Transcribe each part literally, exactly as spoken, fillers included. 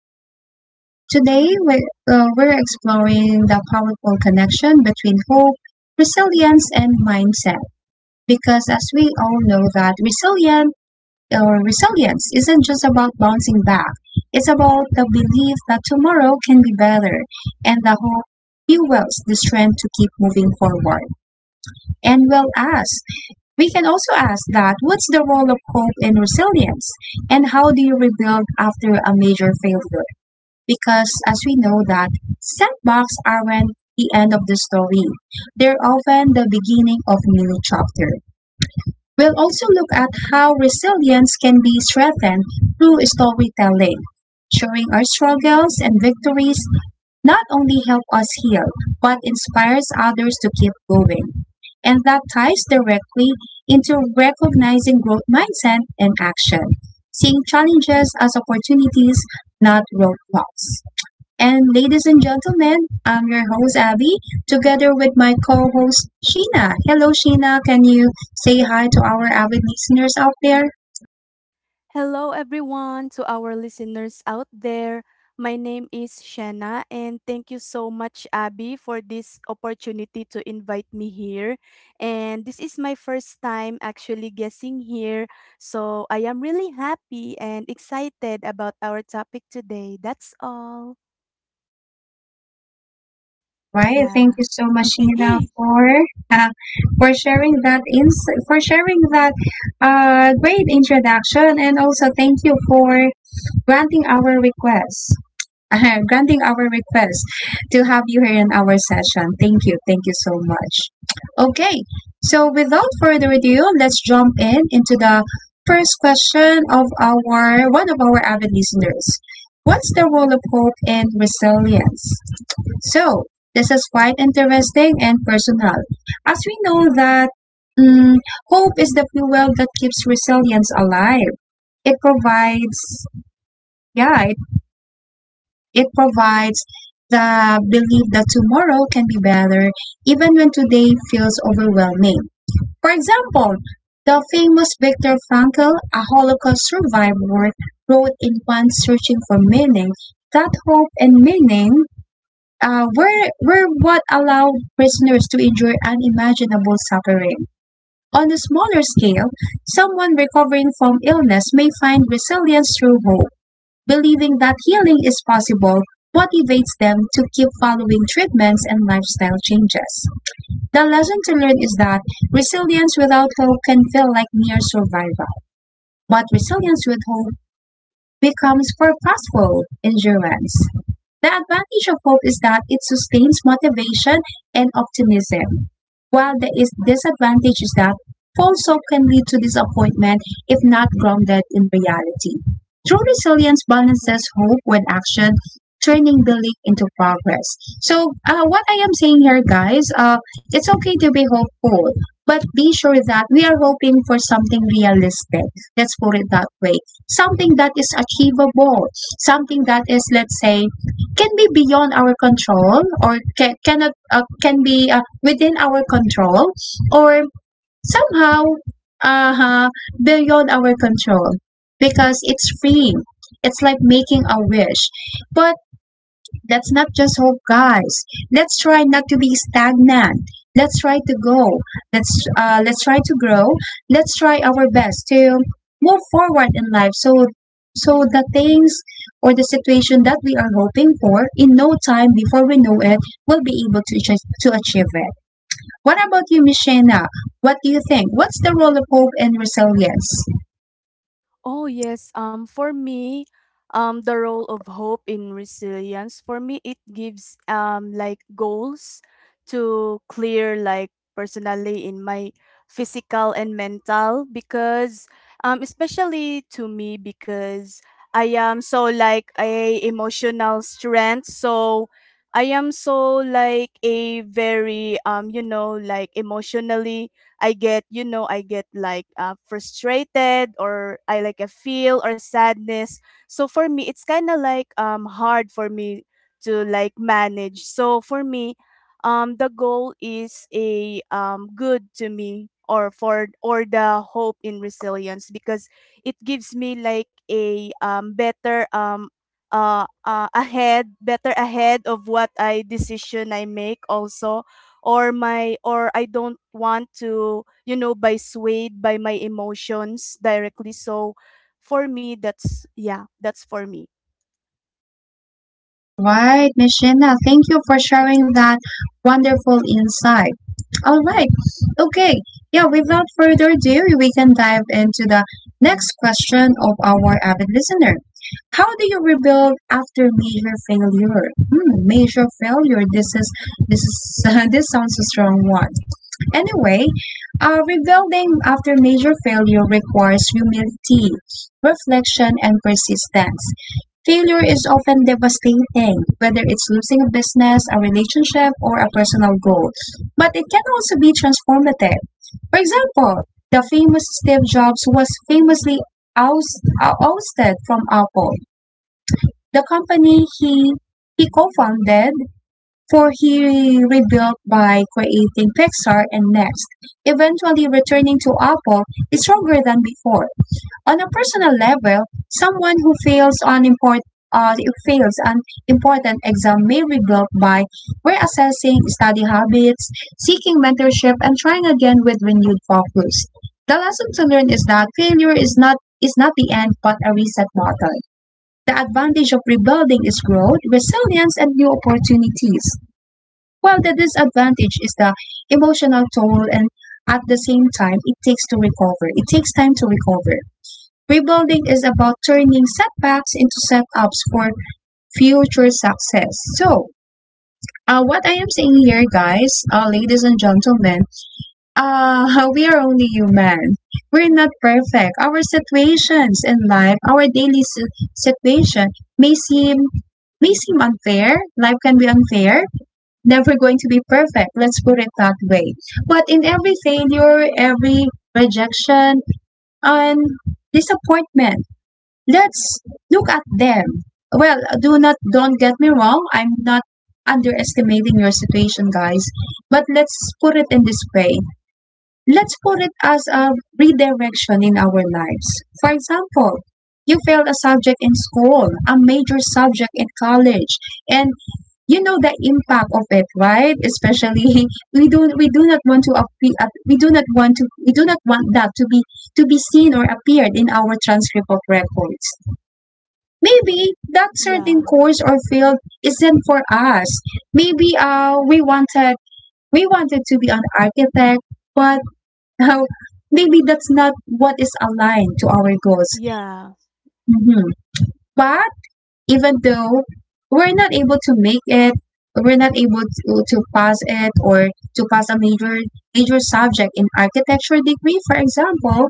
the show. Today, we're, uh, we're exploring the powerful connection between hope, resilience, and mindset. Because as we all know that resilient or resilience isn't just about bouncing back. It's about the belief that tomorrow can be better and the hope fuels the strength to keep moving forward. And well, us we can also ask that what's the role of hope and resilience and how do you rebuild after a major failure? Because as we know that setbacks aren't the end of the story. They're often the beginning of new chapter. We'll also look at how resilience can be strengthened through storytelling, showing our struggles and victories not only help us heal, but inspires others to keep going. And that ties directly into recognizing growth mindset and action, seeing challenges as opportunities, not roadblocks. And ladies and gentlemen, I'm your host Abby, together with my co-host Sheena. Hello, Sheena. Can you say hi to our avid listeners out there? Hello, everyone, to our listeners out there. My name is Shanna, and thank you so much, Abby, for this opportunity to invite me here. And this is my first time actually guessing here, so I am really happy and excited about our topic today. That's all. All right. Thank Yeah. you so much, Sheila, for uh, for sharing that ins- for sharing that uh, great introduction, and also thank you for granting our request. granting our request to have you here in our session. Thank you. Thank you so much. Okay. So without further ado, let's jump in into the first question of our one of our avid listeners. What's the role of hope in resilience? So, this is quite interesting and personal, as we know that mm, hope is the fuel that keeps resilience alive. It provides, yeah, it, it provides the belief that tomorrow can be better, even when today feels overwhelming. For example, the famous Viktor Frankl, a Holocaust survivor, wrote in One Searching for Meaning that hope and meaning uh, were, were what allowed prisoners to endure unimaginable suffering. On a smaller scale, someone recovering from illness may find resilience through hope, believing that healing is possible motivates them to keep following treatments and lifestyle changes. The lesson to learn is that resilience without hope can feel like mere survival, but resilience with hope becomes purposeful endurance. The advantage of hope is that it sustains motivation and optimism, while the is- disadvantage is that false hope can lead to disappointment if not grounded in reality. True resilience balances hope with action, turning belief into progress. So, uh, what I am saying here, guys, uh, it's okay to be hopeful, but be sure that we are hoping for something realistic. Let's put it that way. Something that is achievable, something that is, let's say, can be beyond our control or can, cannot uh, can be uh, within our control or somehow uh, beyond our control because it's free. It's like making a wish, but let's not just hope, guys. Let's try not to be stagnant. Let's try to go. Let's uh, let's try to grow. Let's try our best to move forward in life. So so the things or the situation that we are hoping for in no time before we know it will be able to to achieve it. What about you, Miss Shayna? What do you think? What's the role of hope and resilience? Oh yes. um for me, um the role of hope in resilience for me, it gives um like goals to clear, like personally, in my physical and mental. Because um especially to me, because I am so like a emotional strength, so I am so like a very um you know, like emotionally, I get, you know, I get like uh, frustrated or I like a feel or sadness. So for me, it's kind of like um hard for me to like manage. So for me, um the goal is a um good to me or for or the hope in resilience, because it gives me like a um better um uh, uh ahead, better ahead of what I decision I make also, or my or I don't want to, you know, by swayed by my emotions directly. So for me, that's yeah, that's for me. All right, Miss Shayna, thank you for sharing that wonderful insight. All right. Okay. Yeah, without further ado, we can dive into the next question of our avid listener. How do you rebuild after major failure? Hmm, major failure. This is this is this sounds a strong one. Anyway, uh, rebuilding after major failure requires humility, reflection, and persistence. Failure is often devastating, whether it's losing a business, a relationship, or a personal goal, but it can also be transformative. For example, the famous Steve Jobs was famously oust- uh, ousted from Apple, the company he, he co founded, for he rebuilt by creating Pixar and Next, eventually returning to Apple is stronger than before. On a personal level, someone who fails on import uh, fails an important exam may rebuild by reassessing study habits, seeking mentorship, and trying again with renewed focus. The lesson to learn is that failure is not is not the end but a reset button. The advantage of rebuilding is growth, resilience, and new opportunities, while the disadvantage is the emotional toll and at the same time it takes to recover. It takes time to recover. Rebuilding is about turning setbacks into setups for future success. So, uh, what I am saying here, guys, uh, ladies and gentlemen, uh, we are only human. We're not perfect. Our situations in life, our daily si- situation may seem may seem unfair. Life can be unfair. Never going to be perfect. Let's put it that way. But in every failure, every rejection, and disappointment, let's look at them. Well, do not don't get me wrong, I'm not underestimating your situation, guys. But let's put it in this way. Let's put it as a redirection in our lives. For example, you failed a subject in school, a major subject in college, and you know the impact of it, right? Especially we do we do not want to appear, we do not want to we do not want that to be to be seen or appeared in our transcript of records. Maybe that certain Yeah. course or field isn't for us. Maybe uh we wanted we wanted to be an architect, but uh, maybe that's not what is aligned to our goals. Yeah. Mhm. But even though we're not able to make it we're not able to, to pass it or to pass a major major subject in architecture degree, for example.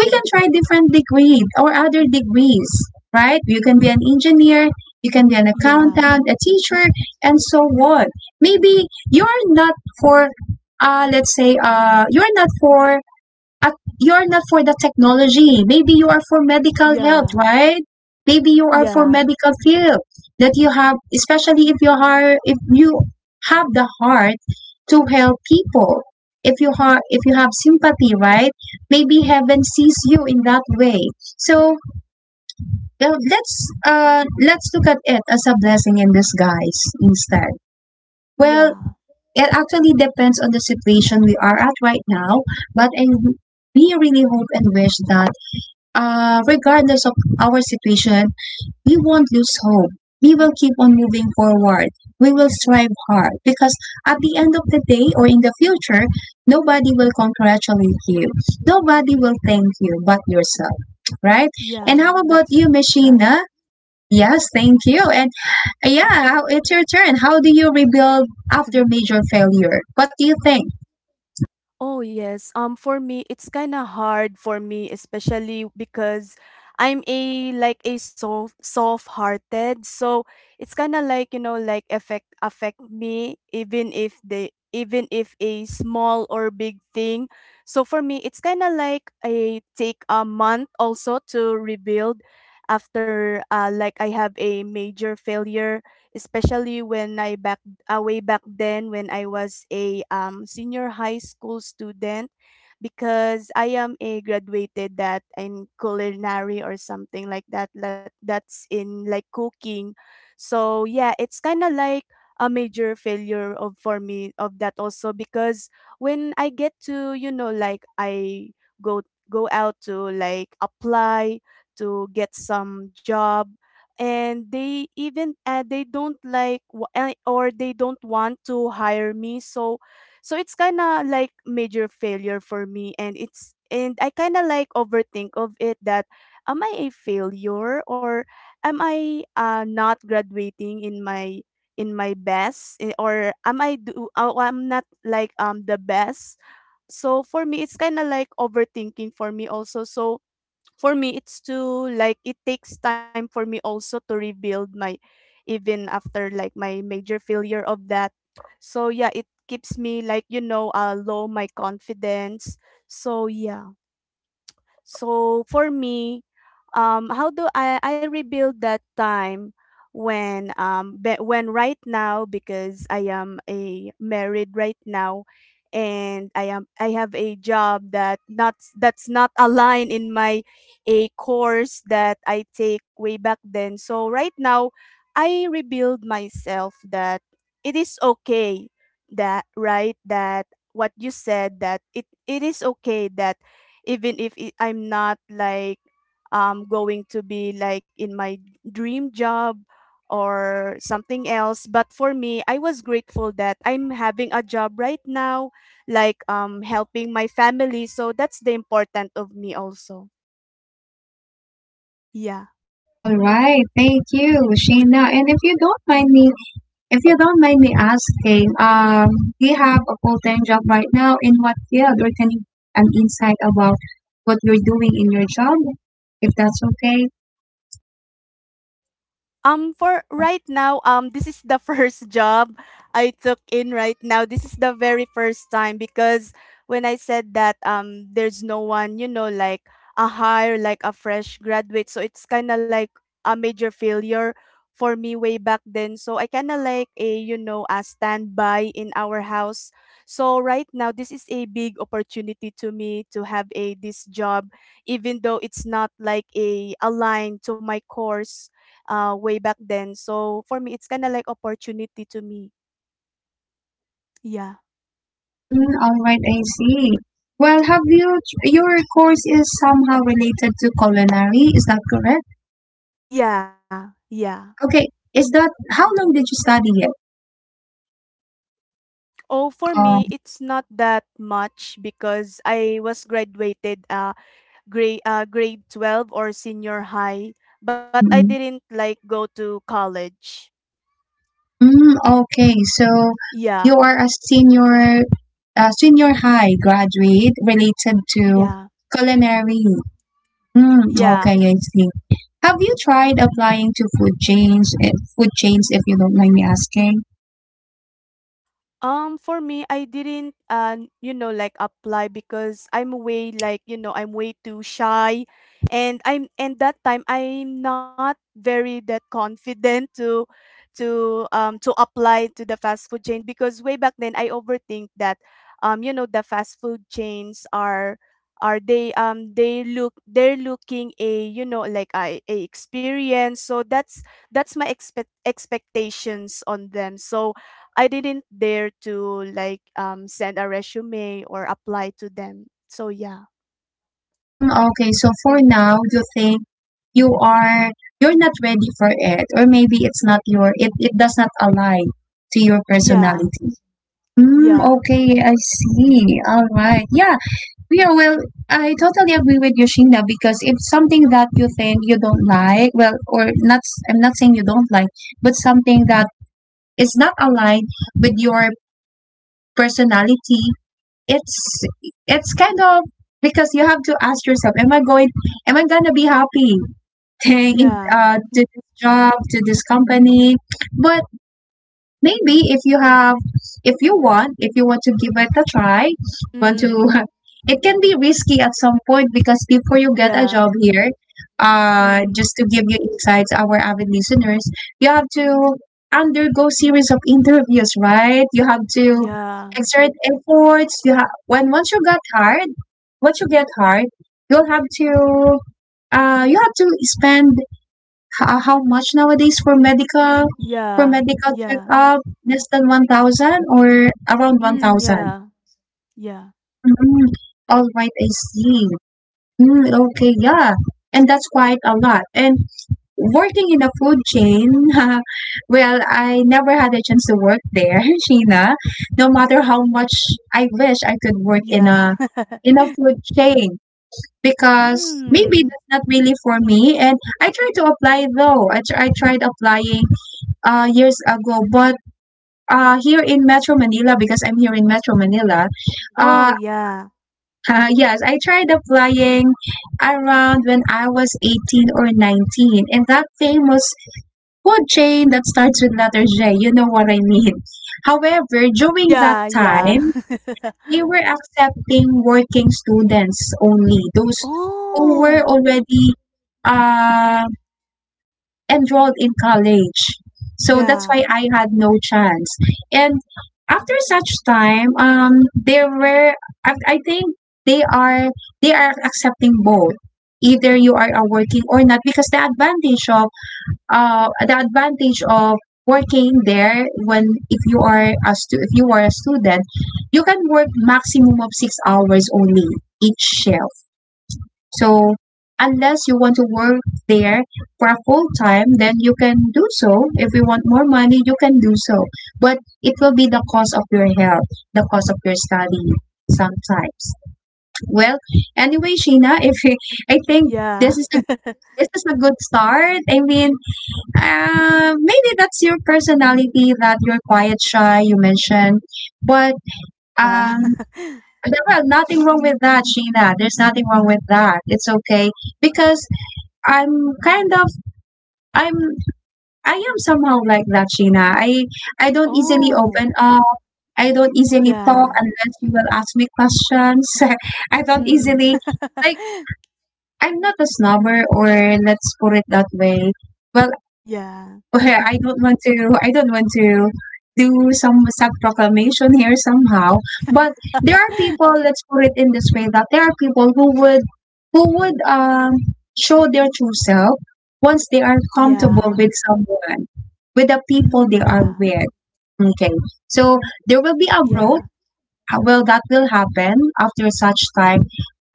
We can try different degree or other degrees, right? You can be an engineer, you can be an accountant, Yeah. a teacher, and so on. Maybe you're not for uh let's say uh you're not for at you're not for the technology. Maybe you are for medical help, Yeah. right? Maybe you are for Yeah. medical field that you have, especially if you are if you have the heart to help people. If you have, if you have sympathy, right? Maybe heaven sees you in that way. So uh, let's uh, let's look at it as a blessing in disguise instead. Well, Yeah. it actually depends on the situation we are at right now, but I we really hope and wish that uh, regardless of our situation, we won't lose hope. We will keep on moving forward. We will strive hard because at the end of the day or in the future, nobody will congratulate you. Nobody will thank you but yourself, right? And how Yeah. about That's you, right. Machina? Yes, thank you. And uh, yeah, how- it's your turn. How do you rebuild after major failure? What do you think? Oh yes. Um for me, it's kind of hard for me, especially because I'm a like a soft soft-hearted. So it's kind of like, you know, like affect affect me, even if they, even if a small or big thing. So for me, it's kind of like I take a month also to rebuild after uh, like I have a major failure, especially when I backtrack uh, way back then when I was a um, senior high school student, because I am a graduated that in culinary or something like that, that that's in like cooking. So yeah, it's kind of like a major failure of for me of that also, because when I get to, you know, like I go go out to like apply to get some job, and they even uh, they don't like wa- uh, or they don't want to hire me. So so it's kind of like major failure for me, and it's, and I kind of like overthink of it, that am I a failure, or am I uh, not graduating in my in my best, eh, or am I do uh, I'm not like um the best. So for me, it's kind of like overthinking for me also. So for me, it's to like it takes time for me also to rebuild my, even after like my major failure of that. So yeah, it keeps me like, you know, uh low my confidence. So yeah. So for me, um, how do I, I rebuild that time when um be- when right now, because I am a married right now, and I am I have a job that not that's not aligned in my a course that I take way back then. So right now, I rebuild myself that it is okay, that right, that what you said, that it it is okay that even if it, I'm not like um going to be like in my dream job or something else. But for me, I was grateful that I'm having a job right now, like um helping my family. So that's the important of me also. Yeah. All right, thank you, Sheena. And if you don't mind me if you don't mind me asking, um, do you have a full-time job right now? In what field? Or can you an insight about what you're doing in your job, if that's okay? Um, for Uh, right now, um, this is the first job I took in right now. This is the very first time, because when I said that, um, there's no one, you know, like a hire, like a fresh graduate. So it's kind of like a major failure for me way back then. So I kind of like a, you know, a standby in our house. So right now, this is a big opportunity to me to have a this job, even though it's not like a aligned to my course uh, way back then. So for me, it's kind of like opportunity to me. Yeah. mm, all right, I see. Well, have you your course is somehow related to culinary? Is that correct? Yeah. Yeah. Okay, is that how long did you study it? Oh, for Um, me, it's not that much because I was graduated uh grade uh grade twelve or senior high, but I mm, didn't like go to college. mm, okay, so Yeah. you are a senior, a senior high graduate related to Yeah. culinary. Mm, Yeah. okay, I see. Have you tried applying to food chains, eh, food chains if you don't mind me asking? Um, for me, I didn't, uh, you know, like apply because I'm way like, you know, I'm way too shy, and I'm and that time I'm not very that confident to, to um to apply to the fast food chain, because way back then I overthink that, um, you know, the fast food chains are are they um they look they're looking a, you know, like a, a experience. So that's that's my expect expectations on them. So I didn't dare to like um send a resume or apply to them. So yeah. Mm, okay, so for now, you think you are you're not ready for it or maybe it's not your it, it does not align to your Yeah. personality. Mm, Yeah. okay, I see. All right. Yeah, yeah, well, I totally agree with you, Sheena, because if something that you think you don't like, well, or not, I'm not saying you don't like, but something that is not aligned with your personality, it's it's kind of, because you have to ask yourself am i going am I gonna be happy staying in Yeah. uh, to this job, to this company. But maybe if you have if you want if you want to give it a try, want to Mm. it can be risky at some point, because before you get a job Yeah. here, uh Mm. just to give you insights, our avid listeners, you have to undergo series of interviews, right? You have to Yeah. exert efforts. You have when once you got hired, once you get hired, you'll have to uh you have to spend how, how much nowadays for medical for Yeah. medical Yeah. checkup? Less than one thousand or around one Mm, thousand? yeah. Yeah. Mm, all right, I see. Mm, okay, yeah, and that's quite a lot. And working in the food chain, well, I never had a chance to work there, Sheena. No matter how much I wish I could work in a Yeah. in a food chain, because maybe mm. that's not really for me. And I tried to apply though. I, tr- I tried applying uh, years ago, but uh, here in Metro Manila, because I'm here in Metro Manila, uh, Oh yeah. uh, yes, I tried applying around when I was eighteen or nineteen. And that famous food chain that starts with letter J, you know what I mean. However, during that Yeah, time, yeah. they were accepting working students only, those who were oh. already um enrolled in college. So that's Yeah. why I had no chance. And after such time, um, there were I, I think they are they are accepting both. Either you are uh, working or not, because the advantage of uh the advantage of working there when if you are a stu- if you are a student, you can work maximum of six hours only each shift. So unless you want to work there for a full time, then you can do so. If you want more money, you can do so. But it will be the cost of your health, the cost of your study sometimes. Well, anyway, Sheena, if you, I think this Yeah. is a this is a good start. I mean, uh, maybe that's your personality that you're quiet, shy. You mentioned, but Yeah. um, there- well, nothing wrong with that, Sheena. There's nothing wrong with that. It's okay because I'm kind of I'm I am somehow like that, Sheena. I I don't easily open oh. up. I don't easily talk Yeah. unless you will ask me questions. I don't Mm. easily like I'm not a snobber, or let's put it that way. Well, yeah. where I don't want to I don't want to do some sad proclamation here somehow. But there are people, let's put it in this way, that there are people who would who would um show their true self once they are comfortable Yeah. with someone, with the people they Mm, are yeah. with. Okay. So there will be a growth Yeah. uh, well, that will happen after such time.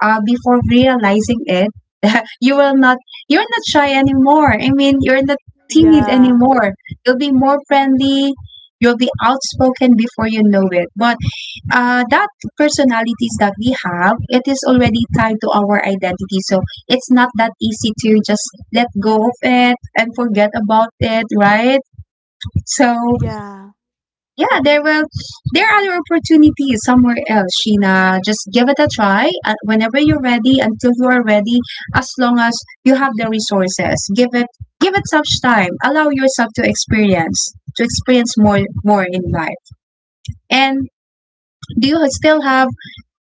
Uh, before realizing it, you will not. You're not shy anymore. I mean, you're not timid Yeah. anymore. You'll be more friendly. You'll be outspoken before you know it. But uh, that personalities that we have, it is already tied to our identity. So it's not that easy to just let go of it and forget about it, right? So Yeah. yeah, there will there are other opportunities somewhere else, Sheena. Just give it a try uh, whenever you're ready, until you are ready, as long as you have the resources. Give it give it such time. Allow yourself to experience to experience more more in life. And do you still have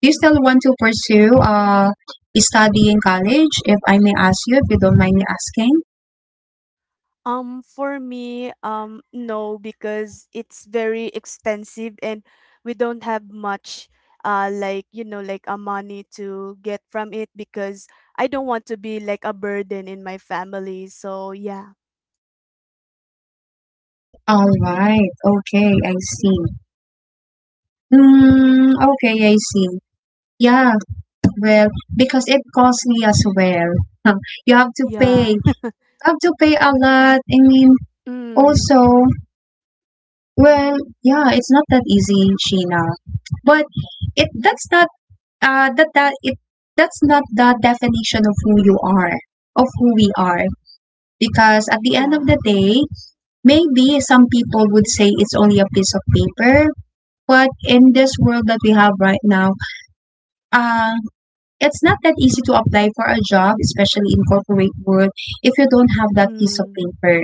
do you still want to pursue uh study in college if I may ask you if you don't mind me asking? Um, for me, um, no, because it's very expensive, and we don't have much uh like, you know, like a money to get from it, because I don't want to be like a burden in my family. So yeah. All right. Okay, I see. Mm, okay, I see. Yeah, well, because it costs me as well. You have to pay. Yeah. You have to pay a lot. I mean, also, Mm. well, yeah, it's not that easy, Sheena. But it that's not uh that that it that's not the definition of who you are, of who we are. Because at the end Yeah. of the day, maybe some people would say it's only a piece of paper, but in this world that we have right now, uh, it's not that easy to apply for a job, especially in corporate world, if you don't have that piece of Mm. paper.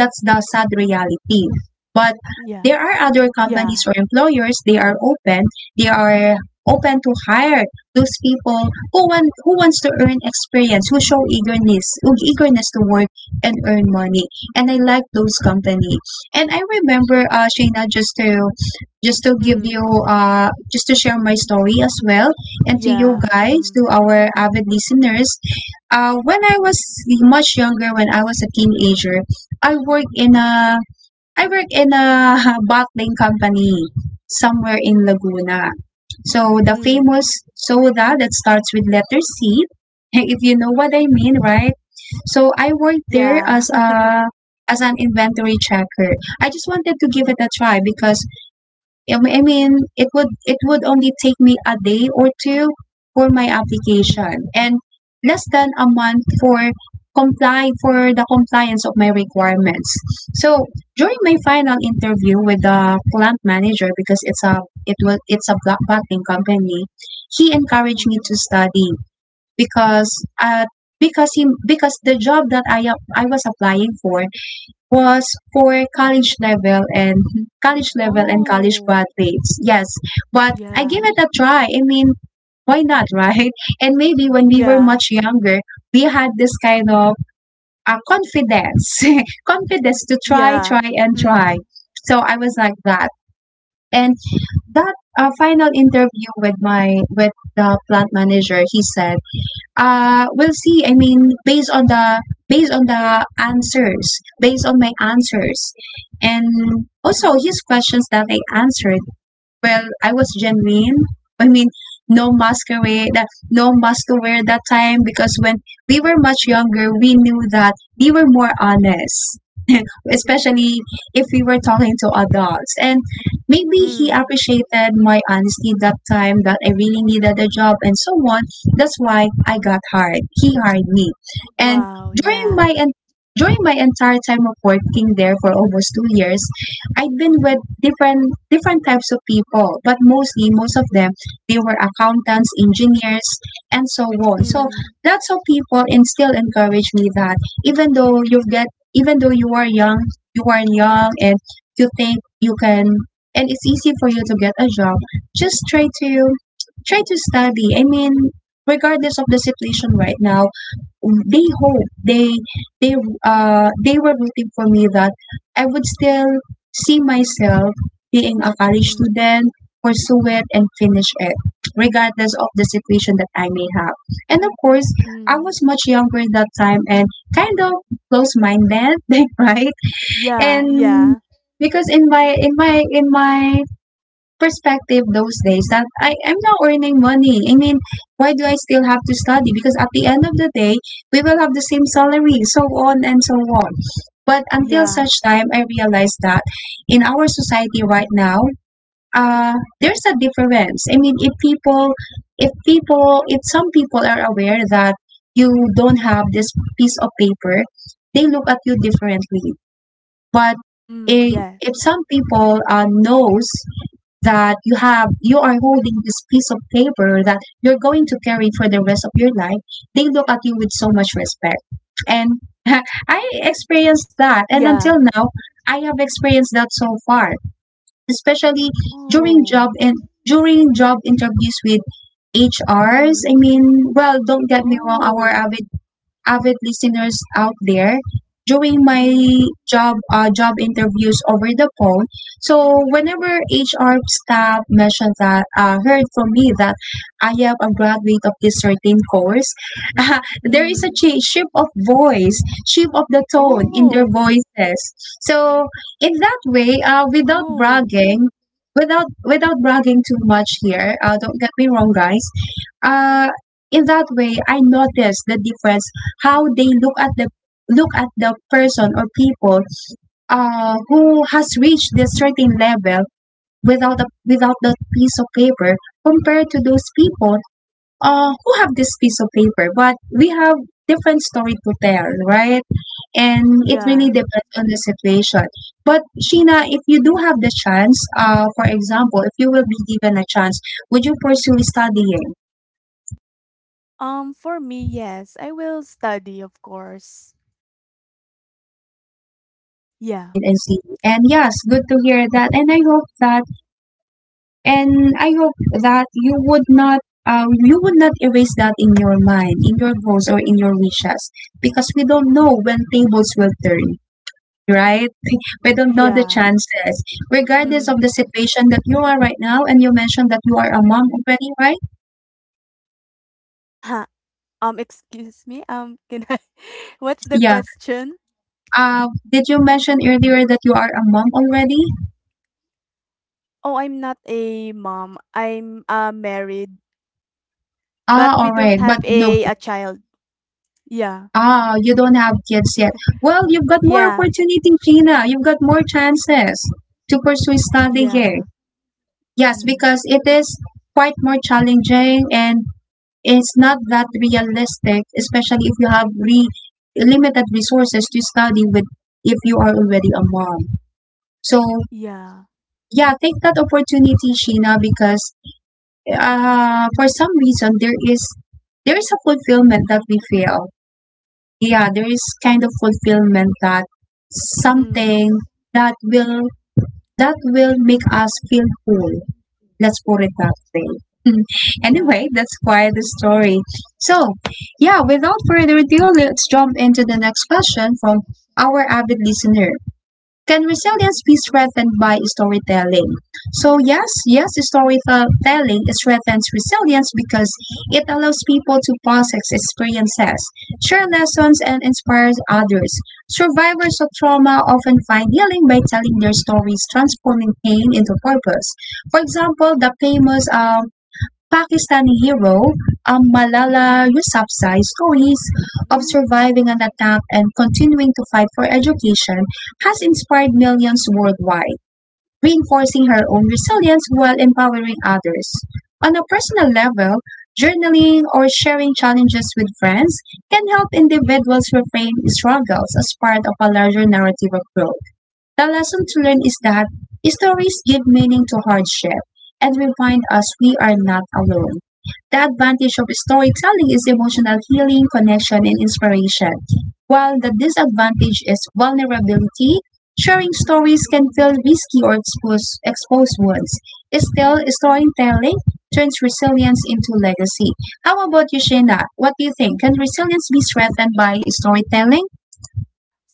That's the sad Yeah. reality. But there Yeah. are other companies or employers, they are open, they are open to hire those people who want who wants to earn experience, who show eagerness, who eagerness to work and earn money. And I like those company. And I remember uh Shayna, just to just to give you Mm. uh just to share my story as well and to you Yeah. guys, Mm. to our avid listeners. Uh, when I was much younger, when I was a teenager, I worked in a I worked in a bottling company somewhere in Laguna. So the Mm. famous soda that starts with letter C, if you know what I mean, right? So I worked there Yeah. as a as an inventory checker. I just wanted to give it a try because I I mean, it would it would only take me a day or two for my Mm, application and less than a month for comply for the compliance of my requirements. So during my final interview with the plant manager because it's a it was it's a black bottling company, he encouraged me mm. to study because uh because he because the job that I ap- I was applying for was for college level and college level and college Oh, graduates. Yes, but I yeah, give it a try. I mean, why not, right? And maybe when we were yeah, much younger, we had this kind of uh, confidence, confidence to try, yeah. try, and try. Mm, So I was like that. And that uh, final interview with my with the plant manager, he said, uh, we'll see. I mean, based on the based on the answers, based on my answers, and also his questions that I answered, well, I was genuine. I mean, no masquerade, uh, no mask to wear that time because when we were much younger, we knew that we were more honest, especially if we were talking to adults. And maybe he mm. appreciated my honesty that time that I really needed a job and so on. That's why I got hired. He hired me. And Wow, during yeah. my en- during my entire time of working there for almost two years, I've been with different different types of people, but mostly most of them they were accountants, engineers, and so on. So Mm, lots of people instill encourage me that even though you get even though you are young, you are young and you think you can and it's easy for you to get a job, just try to try to study. I mean, regardless of the situation right now, they hope they they uh they were rooting for me that I would still see myself being a college mm, student, pursue it, and finish it, regardless of the situation that I may have. And of course, I was mm. much younger that time and kind of close minded, like right? And Yeah, yeah, because in my in my in my perspective those days that I am now earning money. I mean, why do I still have to study? Because at the end of the day, we will have the same salary, so on and so on. But until such yeah. time, I realized that in our society right now, uh, there's a difference. I mean, if people, if people, if some people are aware that you don't have this piece of paper, they look at you differently. But Mm, if, if yes. some people uh, knows that you have you are holding this piece of paper that you're going to carry for the rest of your life, they look at you with so much respect and I experienced that, and until Yeah. now I have experienced that so far, especially during job Oh, and during job interviews with HRs. I mm. mean, well, don't get me wrong, our Oh, average avid listeners out there, doing my mm, job uh, job interviews over the phone. So whenever H R staff mentioned that uh, heard from me that I am a graduate of this certain course, there is a mm. change, shift of voice, shift of the tone in their Oh, voices. So in that way, uh, oh. without bragging. Without without bragging too much here, uh, don't get me wrong, guys. Uh, in that way, I noticed the difference how they look at the look at the person or people uh, who has reached this certain level without a, without that piece of paper compared to those people uh, who have this piece of paper but we have different story to tell, right? And it really Yeah. depends on the situation, but Sheena, if you do have the chance, uh, for example, if you will be given a chance, would you pursue studying? Um, for me, yes, I will study, of course. Yeah, Right, and see, and yes, good to hear that, and i hope that and I hope that you would not uh, you would not erase that in your mind, in your goals or in your wishes, because we don't know when tables will turn, right? We don't know the yeah. chances, regardless of the situation that you are right now. And you mentioned that you are a mom already, right? Ha. Um, excuse me, um, can I what's the Yeah. question? Uh, did you mention earlier that you are a mom already? Oh, I'm not a mom. I'm, uh, married, but Ah, we all right, don't but have no. a a child. Yeah. Ah, you don't have kids yet. Well, you've got more Yeah. opportunity, Gina. You've got more chances to pursue study here. Yeah. Yes, Mm. because it is quite more challenging and it's not that realistic, especially if you have re- limited resources to study with if you are already a mom. So Yeah. yeah, take that opportunity, Sheena, because uh, for some reason there is there is a fulfillment that we feel. Yeah, there is kind of fulfillment that Mm. something that will that will make us feel whole. Let's put it that way. Anyway, Yeah. that's quite the story. So, yeah, without further ado, let's jump into the next question from our avid listener. Can resilience be strengthened by storytelling? So, yes, yes, storytelling strengthens resilience because it allows people to process experiences, share lessons, and inspire others. Survivors of trauma often find healing by telling their stories, transforming pain into purpose. For example, the famous um, Pakistani hero um, Malala Yousafzai stories of Mm. surviving an attack and continuing to fight for education has inspired millions worldwide, reinforcing her own resilience while empowering others. On a personal level, journaling or sharing challenges with friends can help individuals reframe struggles as part of a larger narrative of growth. The lesson to learn is that stories give meaning to hardship and remind us we are not alone. The advantage of storytelling is emotional healing, connection, and inspiration, while the disadvantage is vulnerability. Sharing stories can feel risky or expose, expose wounds. Still, storytelling turns resilience into legacy. How about you, Shayna? What do you think? Can resilience be strengthened by storytelling?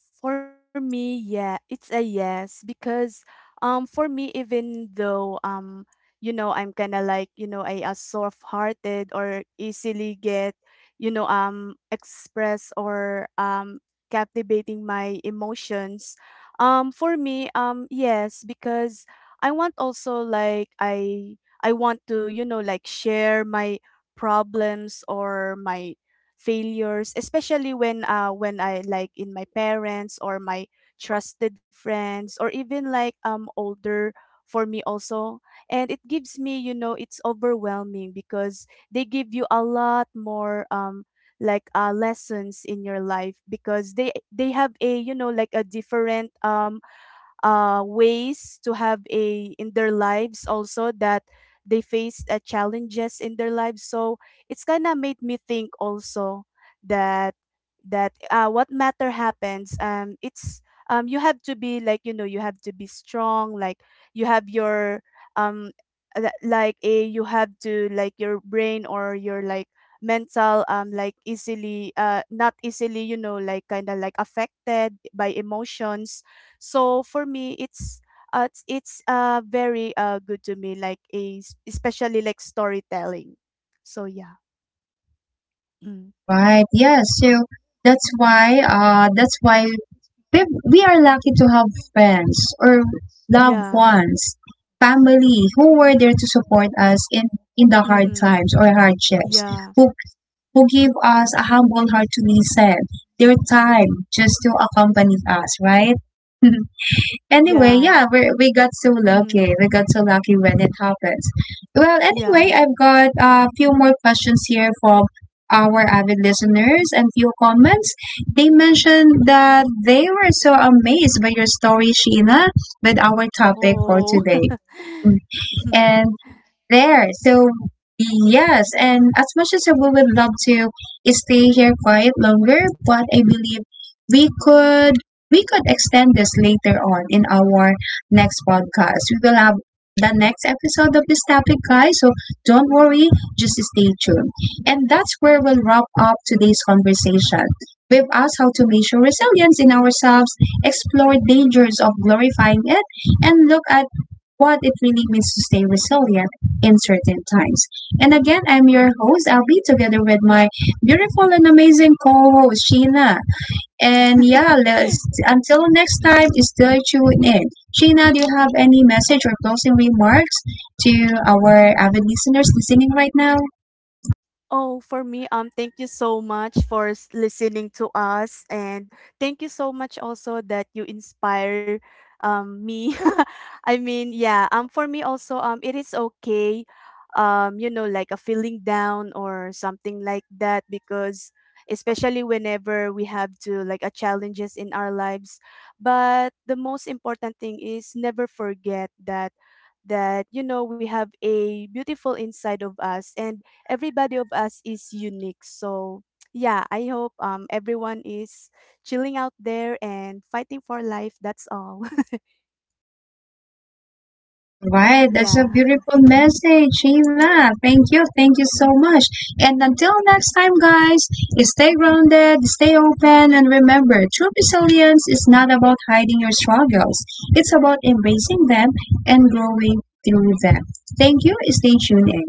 For me, yeah, it's a yes, because um for me, even though um you know, I'm kind of like, you know, a, a soft-hearted, or easily get, you know, um express, or um captivating my emotions. Um for me, um yes, because I want also, like I I want to, you know, like share my problems or my failures, especially when uh when I like in my parents or my trusted friends, or even like um older, for me also. And it gives me, you know, it's overwhelming, because they give you a lot more um like uh lessons in your life, because they they have a, you know, like a different um uh, ways to have a in their lives also, that they faced uh, challenges in their lives. So it's kind of made me think also that that uh, what matter happens, um it's um you have to be like, you know, you have to be strong, like you have your um uh, like a, you have to like your brain or your like mental, um like easily uh not easily, you know, like kind of like affected by emotions. So for me, it's uh, it's, it's uh very uh good to me like a s- especially like storytelling. So yeah. Mm. All right. Yeah. So that's why uh that's why we, we are lucky to have friends or loved Yeah. ones, family who were there to support us in in the hard Mm. times or hardships, Yeah. who who give us a humble heart to listen, their time just to accompany us, right? Anyway, Yeah. yeah, we we got so lucky. Mm. We got so lucky when it happens. Well, anyway, Yeah. I've got a few more questions here from our avid listeners and few comments. They mentioned that they were so amazed by your story, Sheena, with our topic for Oh. today. And there. So, yes, and as much as we would love to stay here quite longer, but I believe we could we could extend this later on in our next podcast. We will have the next episode of this topic, guys. So don't worry, just stay tuned. And that's where we'll wrap up today's conversation. We've asked how to measure resilience in ourselves, explore dangers of glorifying it, and look at what it really means to stay resilient in certain times. And again, I'm your host. I'll be together with my beautiful and amazing co-host Sheena. And yeah, let's until next time, stay tuned in. Sheena, do you have any message or closing remarks to our avid listeners listening right now? Oh, for me, um, thank you so much for s- listening to us, and thank you so much also that you inspire, um, me. I mean, yeah, um, for me also, um, it is okay, um, you know, like a feeling down or something like that, because especially whenever we have to like a challenges in our lives. But the most important thing is never forget that that you know, we have a beautiful inside of us, and everybody of us is unique. So yeah, I hope um everyone is chilling out there and fighting for life. That's all. All right, that's a yeah beautiful message, Sheila. Thank you, thank you so much. And until next time, guys, stay grounded, stay open, and remember true resilience is not about hiding your struggles, it's about embracing them and growing through them. Thank you, stay tuned. In.